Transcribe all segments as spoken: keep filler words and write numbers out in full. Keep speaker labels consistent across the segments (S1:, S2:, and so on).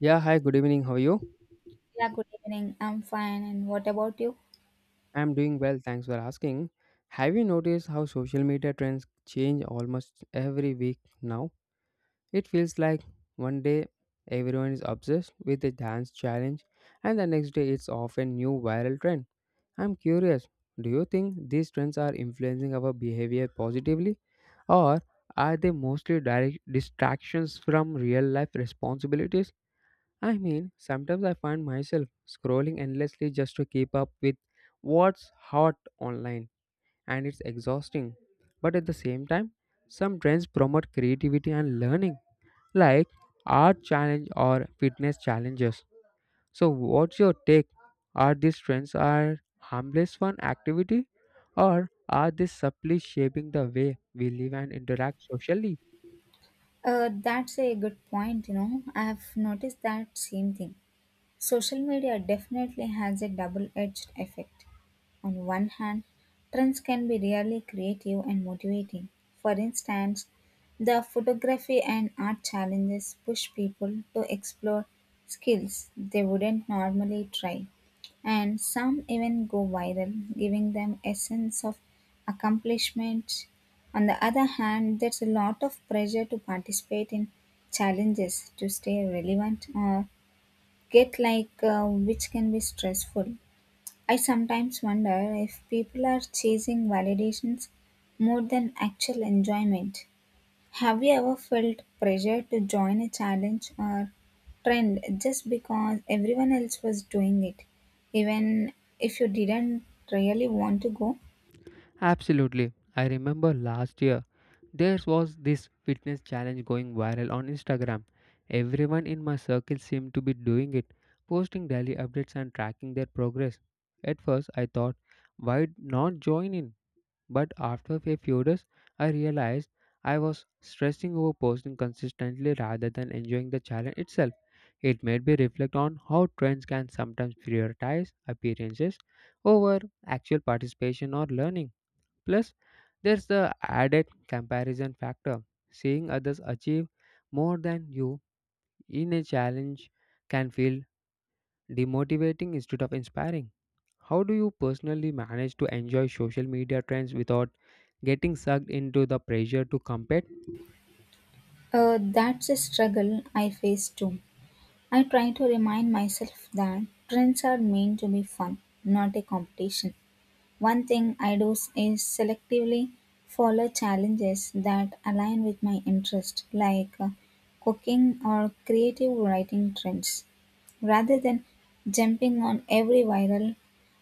S1: Yeah, hi, good evening. How are you?
S2: Yeah, good evening. I'm fine. And what about you?
S1: I'm doing well, thanks for asking. Have you noticed how social media trends change almost every week now? It feels like one day everyone is obsessed with a dance challenge, and the next day it's often new viral trend. I'm curious, do you think these trends are influencing our behavior positively, or are they mostly direct distractions from real life responsibilities? I mean, sometimes I find myself scrolling endlessly just to keep up with what's hot online, and it's exhausting. But at the same time, some trends promote creativity and learning, like art challenge or fitness challenges. So, what's your take? Are these trends are harmless fun activity, or are they subtly shaping the way we live and interact socially?
S2: Uh, that's a good point, you know. I've noticed that same thing. Social media definitely has a double edged effect. On one hand, trends can be really creative and motivating. For instance, the photography and art challenges push people to explore skills they wouldn't normally try, and some even go viral, giving them a sense of accomplishment. On the other hand, there's a lot of pressure to participate in challenges to stay relevant or get like uh, which can be stressful. I sometimes wonder if people are chasing validations more than actual enjoyment. Have you ever felt pressure to join a challenge or trend just because everyone else was doing it, even if you didn't really want to go?
S1: Absolutely. I remember last year. There was this fitness challenge going viral on Instagram. Everyone in my circle seemed to be doing it, posting daily updates and tracking their progress. At first, I thought, why not join in? But after a few days, I realized I was stressing over posting consistently rather than enjoying the challenge itself. It made me reflect on how trends can sometimes prioritize appearances over actual participation or learning. Plus, there's the added comparison factor. Seeing others achieve more than you in a challenge can feel demotivating instead of inspiring. How do you personally manage to enjoy social media trends without getting sucked into the pressure to compete?
S2: Uh, that's a struggle I face too. I try to remind myself that trends are meant to be fun, not a competition. One thing I do s- is selectively follow challenges that align with my interest, like uh, cooking or creative writing trends, rather than jumping on every viral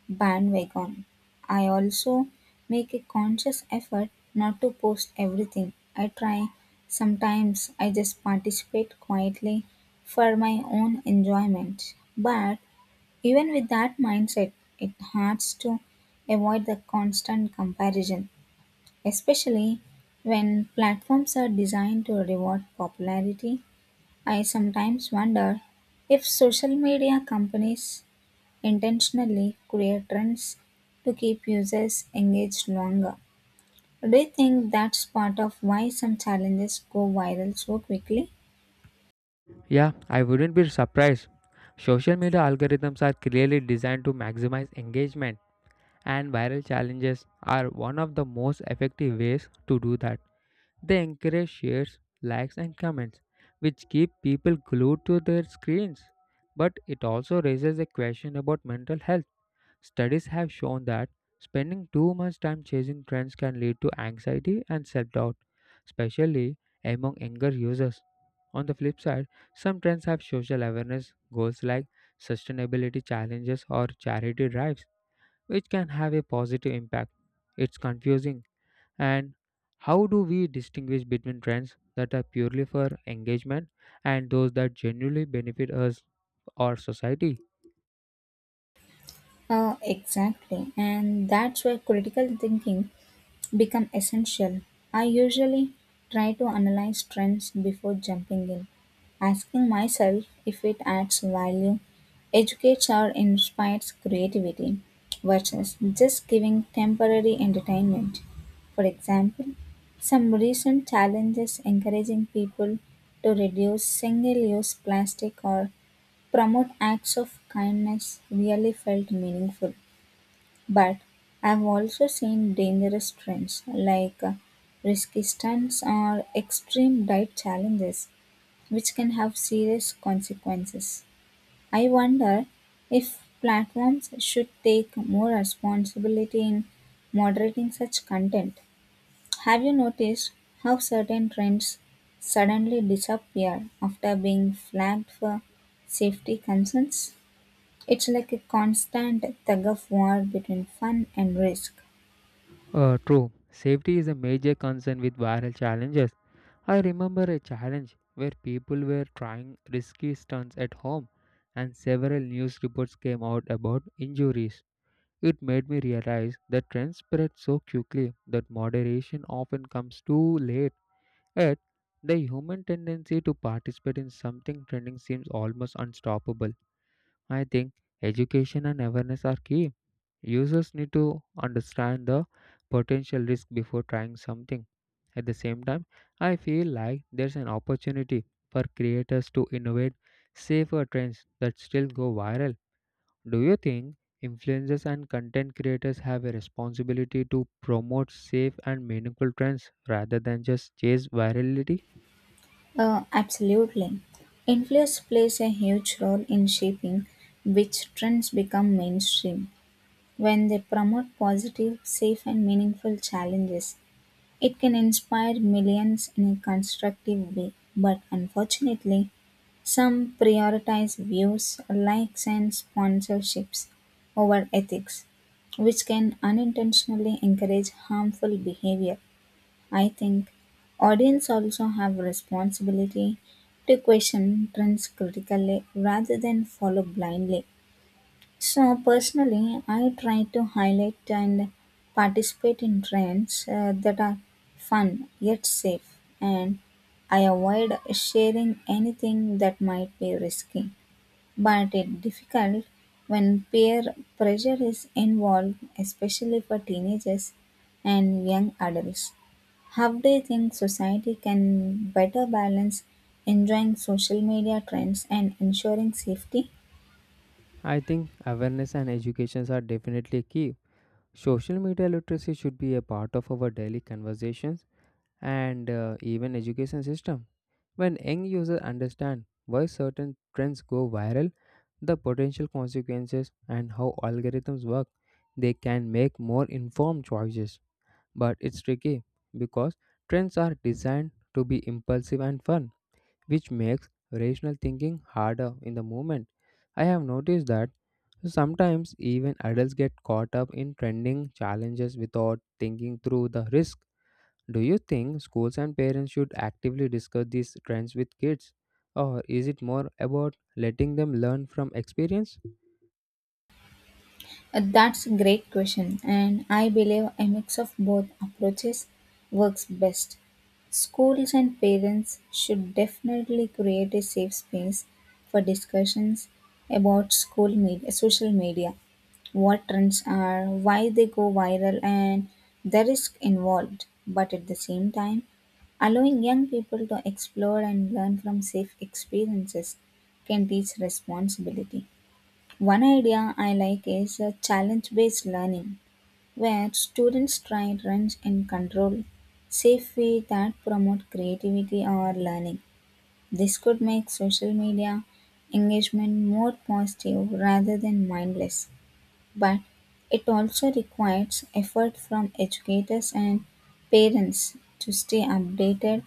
S2: bandwagon. I also make a conscious effort not to post everything. I try sometimes I just participate quietly for my own enjoyment, but even with that mindset, it hurts to avoid the constant comparison, especially when platforms are designed to reward popularity. I sometimes wonder if social media companies intentionally create trends to keep users engaged longer. Do you think that's part of why some challenges go viral so quickly?
S1: Yeah, I wouldn't be surprised. Social media algorithms are clearly designed to maximize engagement, and viral challenges are one of the most effective ways to do that. They encourage shares, likes, and comments, which keep people glued to their screens. But it also raises a question about mental health. Studies have shown that spending too much time chasing trends can lead to anxiety and self doubt, especially among younger users. On the flip side, some trends have social awareness goals like sustainability challenges or charity drives, which can have a positive impact. It's confusing. And how do we distinguish between trends that are purely for engagement and those that genuinely benefit us or society?
S2: Uh, exactly, and that's where critical thinking become essential. I usually try to analyze trends before jumping in, asking myself if it adds value, educates or inspires creativity, versus just giving temporary entertainment. For example, some recent challenges encouraging people to reduce single use plastic or promote acts of kindness really felt meaningful. But I've also seen dangerous trends like uh, risky stunts or extreme diet challenges, which can have serious consequences. I wonder if platforms should take more responsibility in moderating such content. Have you noticed how certain trends suddenly disappear after being flagged for safety concerns? It's like a constant tug of war between fun and risk.
S1: Uh, true, safety is a major concern with viral challenges. I remember a challenge where people were trying risky stunts at home and several news reports came out about injuries. It made me realize that trends spread so quickly that moderation often comes too late. Yet, the human tendency to participate in something trending seems almost unstoppable. I think education and awareness are key. Users need to understand the potential risk before trying something. At the same time, I feel like there's an opportunity for creators to innovate safer trends that still go viral. Do you think influencers and content creators have a responsibility to promote safe and meaningful trends rather than just chase virality?
S2: Uh, absolutely. Influence plays a huge role in shaping which trends become mainstream. When they promote positive, safe, and meaningful challenges, it can inspire millions in a constructive way. But unfortunately, some prioritize views, likes, and sponsorships over ethics, which can unintentionally encourage harmful behavior. I think audience also have responsibility to question trends critically rather than follow blindly. So personally, I try to highlight and participate in trends uh, that are fun yet safe and I avoid sharing anything that might be risky but it's difficult when peer pressure is involved, especially for teenagers and young adults. How do you think society can better balance enjoying social media trends and ensuring safety?
S1: I think awareness and educations are definitely key. Social media literacy should be a part of our daily conversations and uh, even education system. When young users understand why certain trends go viral, the potential consequences, and how algorithms work, they can make more informed choices. But it's tricky because trends are designed to be impulsive and fun, which makes rational thinking harder in the moment. I have noticed that sometimes even adults get caught up in trending challenges without thinking through the risk. Do you think schools and parents should actively discuss these trends with kids? Or is it more about letting them learn from experience?
S2: Uh, That's a great question, and I believe a mix of both approaches works best. Schools and parents should definitely create a safe space for discussions about school media, social media, what trends are, why they go viral, and the risk involved. But at the same time, allowing young people to explore and learn from safe experiences can teach responsibility. One idea I like is a challenge based learning, where students try runs and control safely that promote creativity or learning. This could make social media engagement more positive rather than mindless, but it also requires effort from educators and parents to stay updated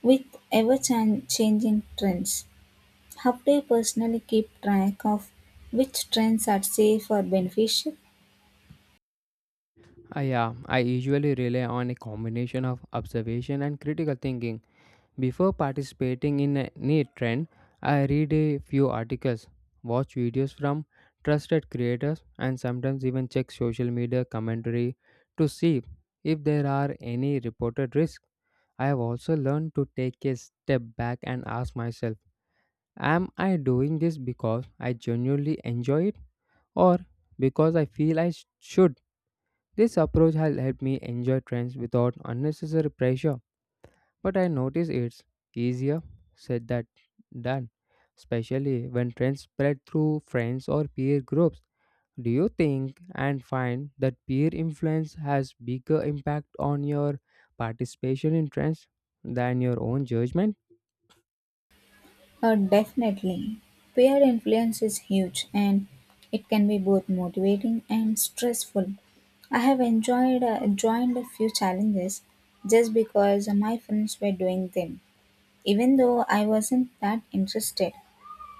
S2: with ever changing trends. How do you personally keep track of which trends are safe or beneficial?
S1: Ah, yeah, I usually rely on a combination of observation and critical thinking. Before participating in any trend, I read a few articles, watch videos from trusted creators, and sometimes even check social media commentary to see if there are any reported risks. I have also learned to take a step back and ask myself, am I doing this because I genuinely enjoy it or because I feel I sh- should? This approach has helped me enjoy trends without unnecessary pressure. But I notice it's easier said that done, especially when trends spread through friends or peer groups. Do you think and find that peer influence has bigger impact on your participation in trends than your own judgment?
S2: Or definitely, peer influence is huge and it can be both motivating and stressful. I have enjoyed uh, joined a few challenges just because my friends were doing them, even though I wasn't that interested.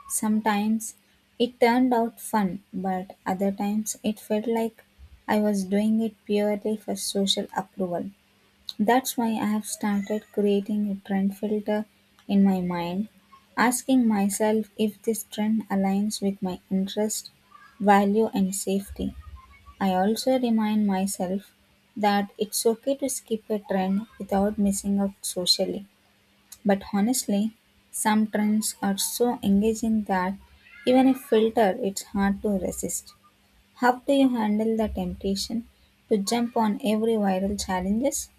S2: Sometimes it turned out fun, but other times it felt like I was doing it purely for social approval. That's why I have started creating a trend filter in my mind, asking myself if this trend aligns with my interest, value, and safety. I also remind myself that it's okay to skip a trend without missing out socially. But honestly, some trends are so engaging that even if filtered, it's hard to resist. How do you handle the temptation to jump on every viral challenges?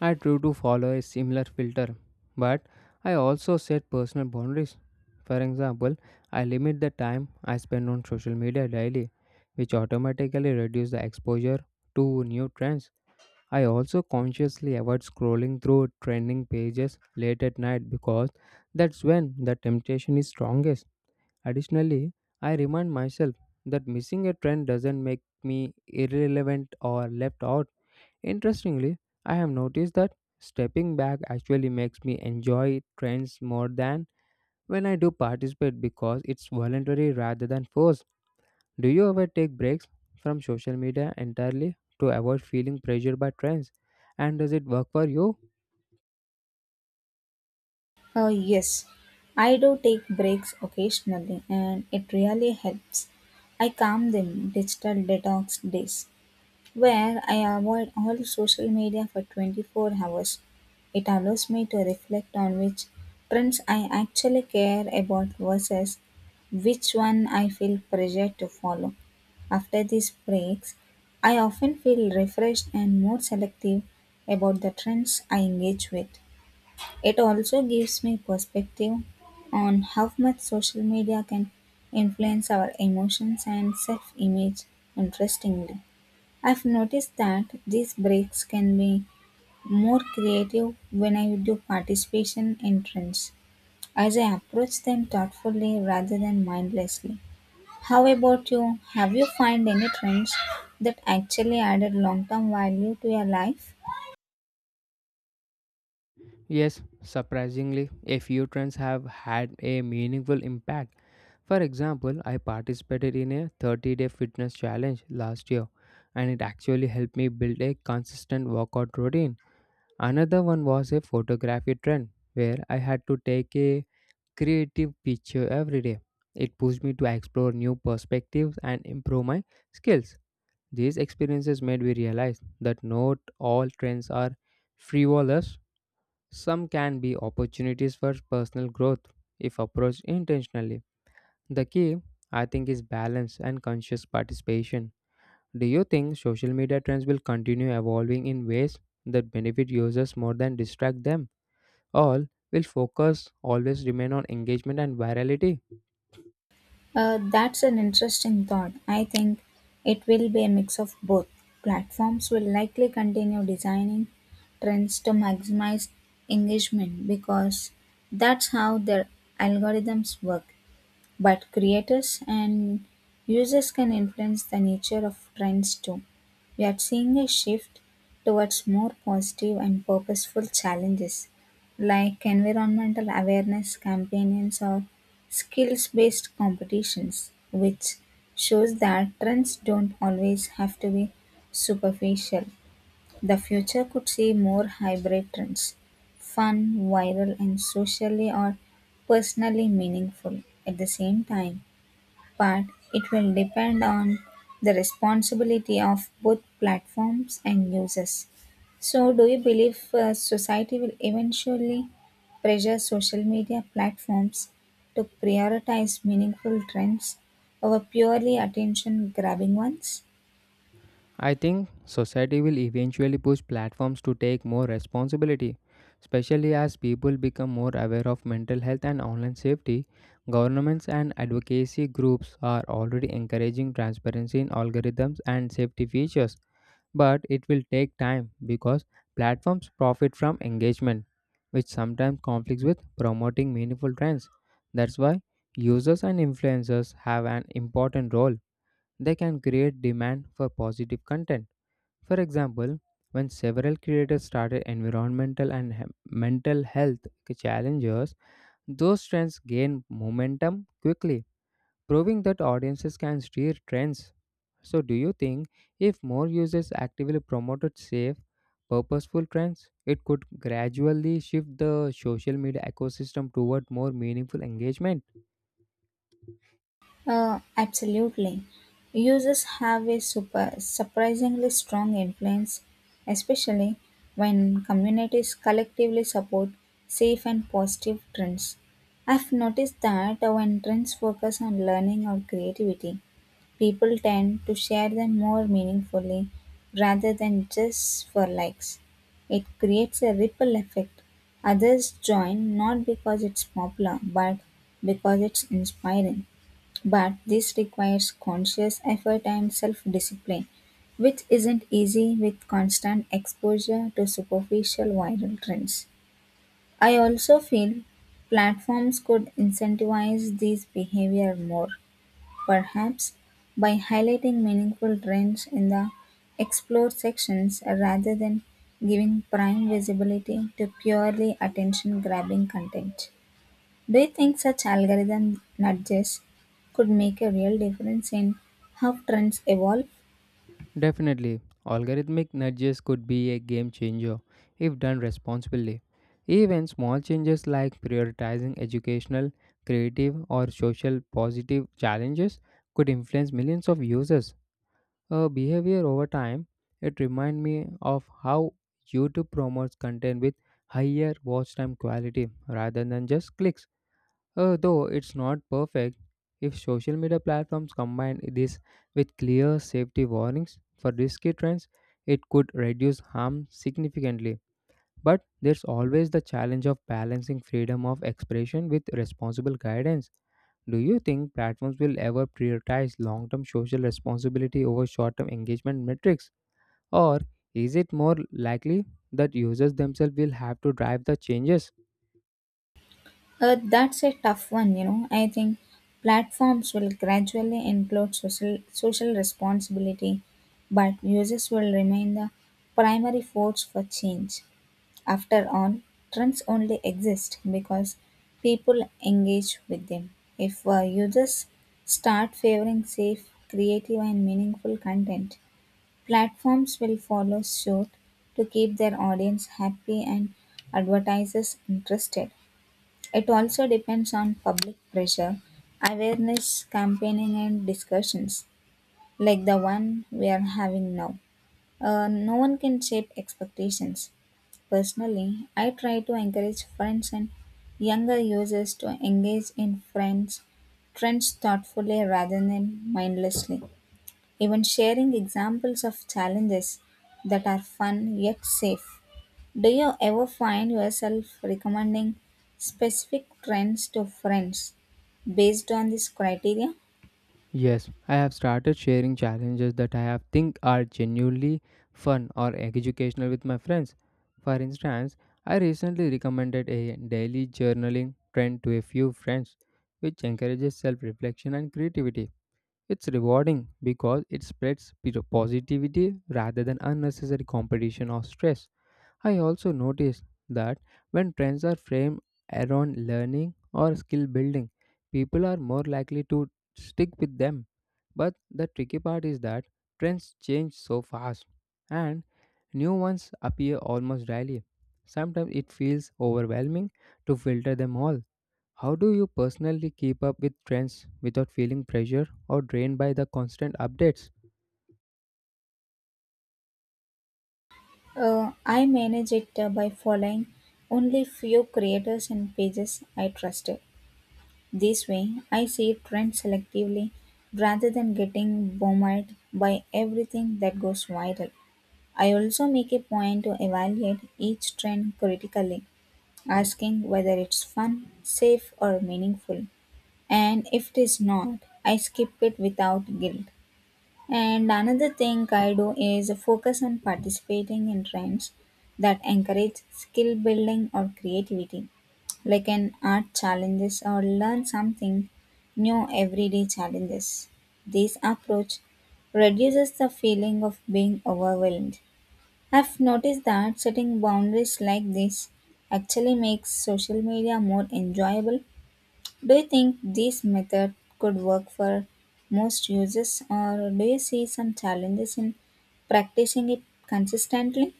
S1: I try to follow a similar filter, but I also set personal boundaries. For example, I limit the time I spend on social media daily, which automatically reduces the exposure to new trends. I also consciously avoid scrolling through trending pages late at night because that's when the temptation is strongest. Additionally, I remind myself that missing a trend doesn't make me irrelevant or left out. Interestingly, I have noticed that stepping back actually makes me enjoy trends more than when I do participate because it's voluntary rather than forced. Do you ever take breaks from social media entirely to avoid feeling pressured by trends? And does it work for you?
S2: Uh, yes, I do take breaks occasionally and it really helps. I calm them digital detox days where I avoid all social media for twenty-four hours. It allows me to reflect on which trends I actually care about versus which one I feel pressured to follow. After these breaks, I often feel refreshed and more selective about the trends I engage with. It also gives me perspective on how much social media can influence our emotions and self image. Interestingly, I've noticed that these breaks can be more creative when I do participation in trends, as I approach them thoughtfully rather than mindlessly. How about you? Have you found any trends that actually added long term value to your life?
S1: Yes, surprisingly, a few trends have had a meaningful impact. For example, I participated in a thirty day fitness challenge last year and it actually helped me build a consistent workout routine. Another one was a photography trend where I had to take a creative picture every day. It pushed me to explore new perspectives and improve my skills. These experiences made me realize that not all trends are frivolous. Some can be opportunities for personal growth if approached intentionally. The key, I think, is balance and conscious participation. Do you think social media trends will continue evolving in ways that benefit users more than distract them? All will focus always remain on engagement and virality.
S2: Uh, that's an interesting thought. I think it will be a mix of both. Platforms will likely continue designing trends to maximize engagement because that's how their algorithms work. But creators and users can influence the nature of trends too. We are seeing a shift towards more positive and purposeful challenges like environmental awareness campaigns or skills based competitions, which shows that trends don't always have to be superficial. The future could see more hybrid trends fun, viral, and socially or personally meaningful at the same time. But it will depend on the responsibility of both platforms and users. So, do you believe uh, society will eventually pressure social media platforms to prioritize meaningful trends over purely attention grabbing ones?
S1: I think society will eventually push platforms to take more responsibility, especially as people become more aware of mental health and online safety. Governments and advocacy groups are already encouraging transparency in algorithms and safety features, but it will take time because platforms profit from engagement, which sometimes conflicts with promoting meaningful trends. That's why users and influencers have an important role. They can create demand for positive content. For example, when several creators started environmental and he- mental health challenges, those trends gained momentum quickly, proving that audiences can steer trends. So, do you think if more users actively promoted safe, purposeful trends, it could gradually shift the social media ecosystem toward more meaningful engagement?
S2: Uh, absolutely. Users have a super, surprisingly strong influence, especially when communities collectively support safe and positive trends. I've noticed that when trends focus on learning or creativity, people tend to share them more meaningfully rather than just for likes. It creates a ripple effect. Others join not because it's popular, but because it's inspiring. But this requires conscious effort and self discipline, which isn't easy with constant exposure to superficial viral trends. I also feel platforms could incentivize this behavior more, perhaps by highlighting meaningful trends in the explore sections rather than giving prime visibility to purely attention grabbing content. Do you think such algorithm nudges could make a real difference in how trends evolve?
S1: Definitely, algorithmic nudges could be a game changer if done responsibly. Even small changes like prioritizing educational, creative, or social positive challenges could influence millions of users. Uh, behavior over time, it reminds me of how YouTube promotes content with higher watch time quality rather than just clicks. Uh, though it's not perfect, if social media platforms combine this with clear safety warnings for risky trends, it could reduce harm significantly. But there's always the challenge of balancing freedom of expression with responsible guidance. Do you think platforms will ever prioritize long term social responsibility over short term engagement metrics? Or is it more likely that users themselves will have to drive the changes?
S2: Uh, that's a tough one, you know. I think platforms will gradually include social social responsibility, but users will remain the primary force for change. After all, trends only exist because people engage with them. If uh, users start favoring safe, creative, and meaningful content, platforms will follow suit to keep their audience happy and advertisers interested. It also depends on public pressure, awareness, campaigning, and discussions like the one we are having now. Uh, no one can shape expectations. Personally, I try to encourage friends and younger users to engage in friends trends thoughtfully rather than mindlessly even sharing examples of challenges that are fun yet safe. Do you ever find yourself recommending specific trends to friends based on this criteria?
S1: Yes, I have started sharing challenges that I have think are genuinely fun or educational with my friends. For instance, I recently recommended a daily journaling trend to a few friends, which encourages self-reflection and creativity. It's rewarding because it spreads bit of positivity rather than unnecessary competition or stress. I also noticed that when trends are framed around learning or skill building, people are more likely to stick with them. But the tricky part is that trends change so fast and new ones appear almost daily. Sometimes it feels overwhelming to filter them all. How do you personally keep up with trends without feeling pressure or drained by the constant updates?
S2: Uh, I manage it uh, by following only few creators and pages I trusted. This way, I see trends selectively rather than getting bombarded by everything that goes viral. I also make a point to evaluate each trend critically asking whether it's fun, safe, or meaningful. And if it is not, I skip it without guilt. And another thing I do is focus on participating in trends that encourage skill building or creativity, like an art challenges or learn something new everyday challenges. This approach reduces the feeling of being overwhelmed. I've noticed that setting boundaries like this actually makes social media more enjoyable. Do you think this method could work for most users, or do you see some challenges in practicing it consistently?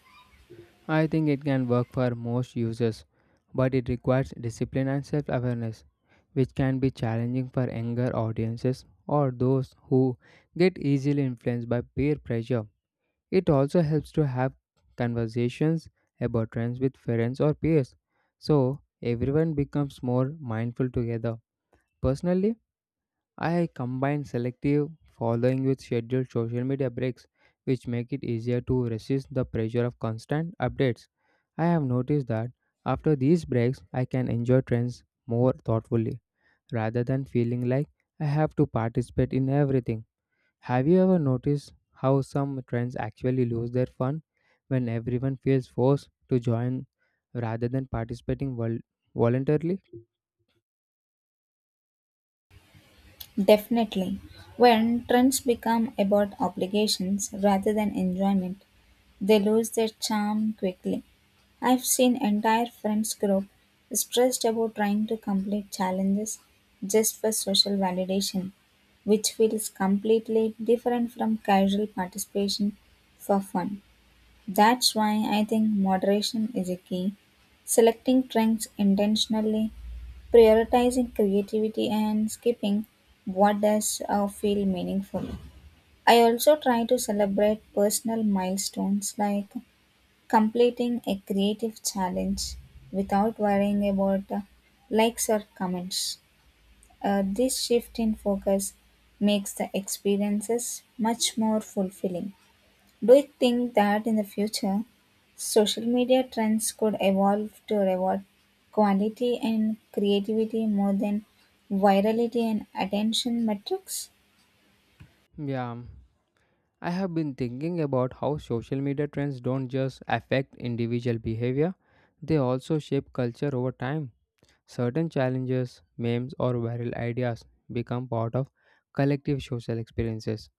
S1: I think it can work for most users, but it requires discipline and self awareness, which can be challenging for younger audiences or those who get easily influenced by peer pressure. It also helps to have conversations about trends with friends or peers, so everyone becomes more mindful together. Personally, I combine selective following with scheduled social media breaks, which make it easier to resist the pressure of constant updates. I have noticed that after these breaks, I can enjoy trends more thoughtfully rather than feeling like I have to participate in everything. Have you ever noticed how some trends actually lose their fun when everyone feels forced to join rather than participating vol- voluntarily?
S2: Definitely. When trends become about obligations rather than enjoyment, they lose their charm quickly. I've seen entire friends group stressed about trying to complete challenges just for social validation, which feels completely different from casual participation for fun. That's why I think moderation is a key. Selecting trends intentionally prioritizing creativity and skipping what does uh, feel meaningful. I also try to celebrate personal milestones like completing a creative challenge without worrying about uh, likes or comments. Uh, this shift in focus makes the experiences much more fulfilling. Do you think that in the future, social media trends could evolve to reward quality and creativity more than virality and attention metrics?
S1: Yeah, I have been thinking about how social media trends don't just affect individual behavior, they also shape culture over time. Certain challenges, memes, or viral ideas become part of collective social experiences.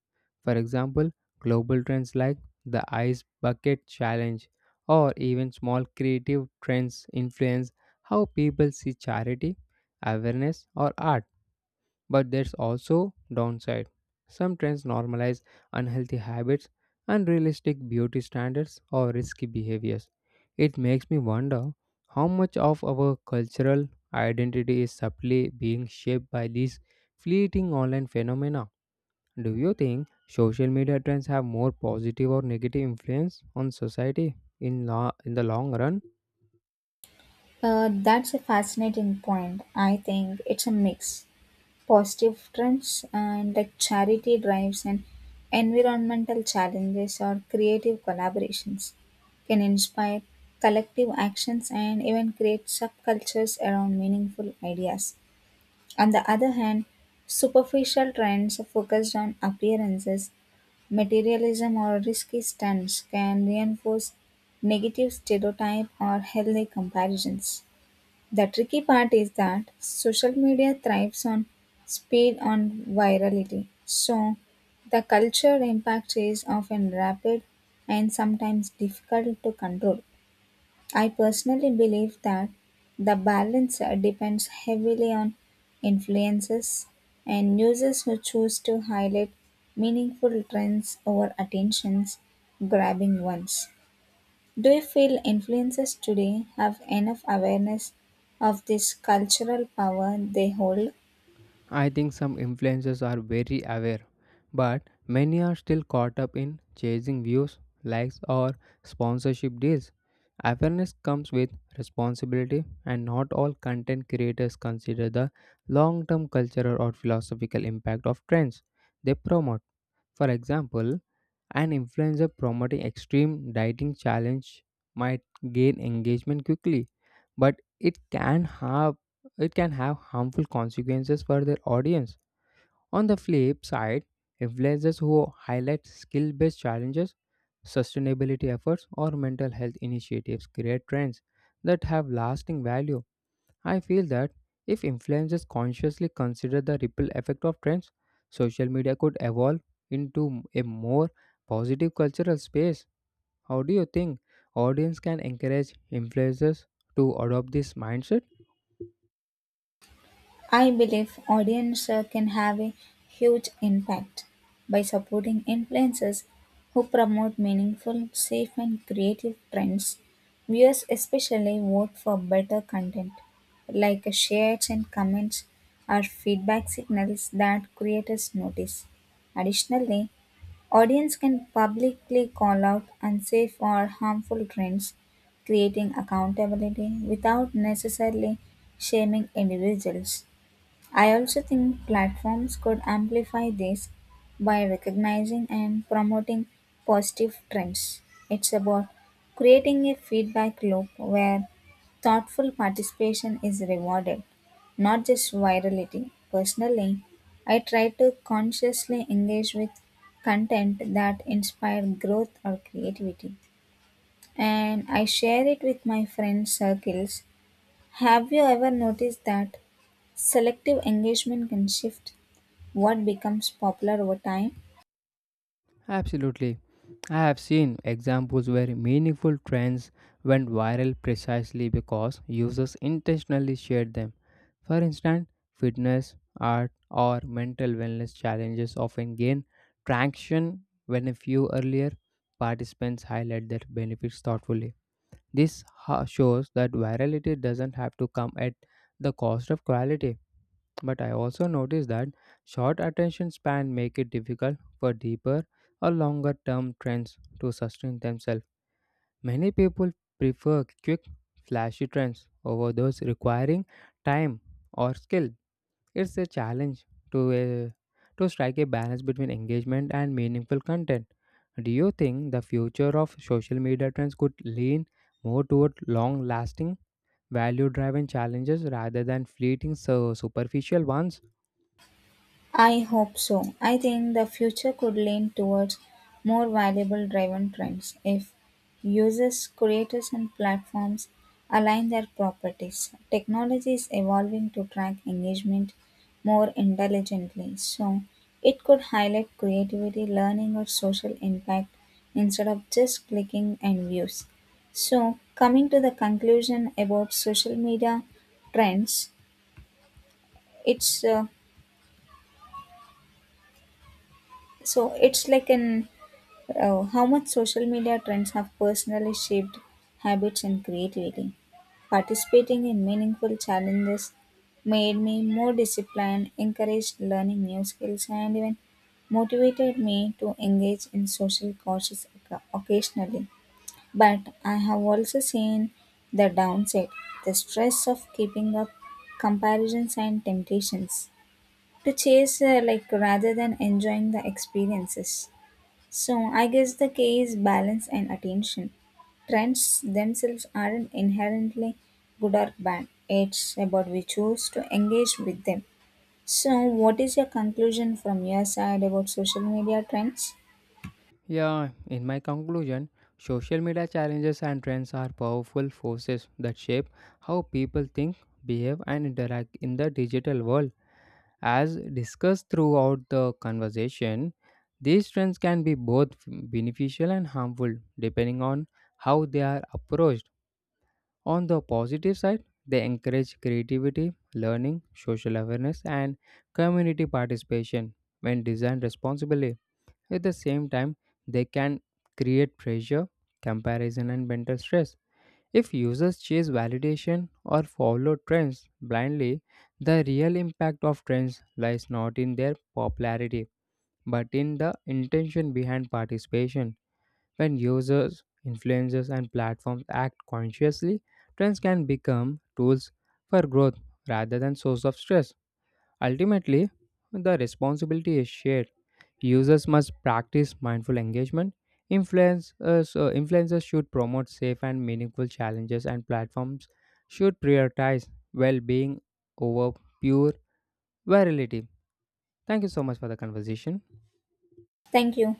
S1: For example, global trends like the ice bucket challenge or even small creative trends influence how people see charity, awareness, or art. But there's also downside. Some trends normalize unhealthy habits, unrealistic beauty standards, or risky behaviors. It makes me wonder how much of our cultural identity is subtly being shaped by these fleeting online phenomena. Do you think social media trends have more positive or negative influence on society in, la- in the long run?
S2: Uh, that's a fascinating point. I think it's a mix. Positive trends and like charity drives and environmental challenges or creative collaborations can inspire collective actions and even create subcultures around meaningful ideas. On the other hand, superficial trends focused on appearances, materialism, or risky stunts can reinforce negative stereotype or healthy comparisons. The tricky part is that social media thrives on speed on virality. So the culture impact is often rapid and sometimes difficult to control. I personally believe that the balance uh, depends heavily on influences and users who choose to highlight meaningful trends over attentions grabbing ones. Do you feel influencers today have enough awareness of this cultural power they hold?
S1: I think some influencers are very aware, but many are still caught up in chasing views, likes, or sponsorship deals. Awareness comes with responsibility, and not all content creators consider the long term cultural or philosophical impact of trends they promote. For example, an influencer promoting extreme dieting challenge might gain engagement quickly, but it can have it can have harmful consequences for their audience. On the flip side, influencers who highlight skill-based challenges, sustainability efforts, or mental health initiatives create trends that have lasting value. I feel that if influencers consciously consider the ripple effect of trends, social media could evolve into a more positive cultural space. How do you think audience can encourage influencers to adopt this mindset?
S2: I believe audiences can have a huge impact by supporting influencers who promote meaningful, safe, and creative trends. Viewers especially vote for better content, like shares and comments are feedback signals that creators notice. Additionally, audience can publicly call out unsafe or harmful trends, creating accountability without necessarily shaming individuals. I also think platforms could amplify this by recognizing and promoting positive trends. It's about creating a feedback loop where thoughtful participation is rewarded, not just virality. Personally, I try to consciously engage with content that inspires growth or creativity and I share it with my friend circles. Have you ever noticed that selective engagement can shift what becomes popular over time?
S1: Absolutely. I have seen examples where meaningful trends went viral precisely because users intentionally shared them. For instance, fitness, art, or mental wellness challenges often gain traction when a few earlier participants highlight their benefits thoughtfully. This ho- shows that virality doesn't have to come at the cost of quality. But I also noticed that short attention span make it difficult for deeper or longer term trends to sustain themselves. Many people prefer quick, flashy trends over those requiring time or skill. It's a challenge to a, to strike a balance between engagement and meaningful content. Do you think the future of social media trends could lean more toward long lasting, value driven challenges rather than fleeting so superficial ones?
S2: I hope so. I think the future could lean towards more valuable driven trends if users, creators, and platforms align their properties. Technology is evolving to track engagement more intelligently, so it could highlight creativity, learning, or social impact instead of just clicking and views. So, coming to the conclusion about social media trends, it's uh, so it's like an oh, how much social media trends have personally shaped habits and creativity. Participating in meaningful challenges made me more disciplined, encouraged learning new skills, and even motivated me to engage in social causes oc- occasionally. But I have also seen the downside the stress of keeping up, comparisons, and temptations to chase uh, like rather than enjoying the experiences so I guess the key is balance and attention. Trends themselves aren't inherently good or bad. It's about we choose to engage with them. So what is your conclusion from your side about social media trends?
S1: Yeah, in my conclusion, social media challenges and trends are powerful forces that shape how people think, behave, and interact in the digital world. As discussed throughout the conversation, these trends can be both beneficial and harmful depending on how they are approached. On the positive side, they encourage creativity, learning, social awareness, and community participation when designed responsibly. At the same time, they can create pressure, comparison, and mental stress. If users chase validation or follow trends blindly, the real impact of trends lies not in their popularity but in the intention behind participation. When users, influencers, and platforms act consciously, trends can become tools for growth rather than source of stress. Ultimately, the responsibility is shared. Users must practice mindful engagement. Influencers, uh, influencers should promote safe and meaningful challenges, and platforms should prioritize well being over pure virality. Thank you so much for the conversation.
S2: Thank you.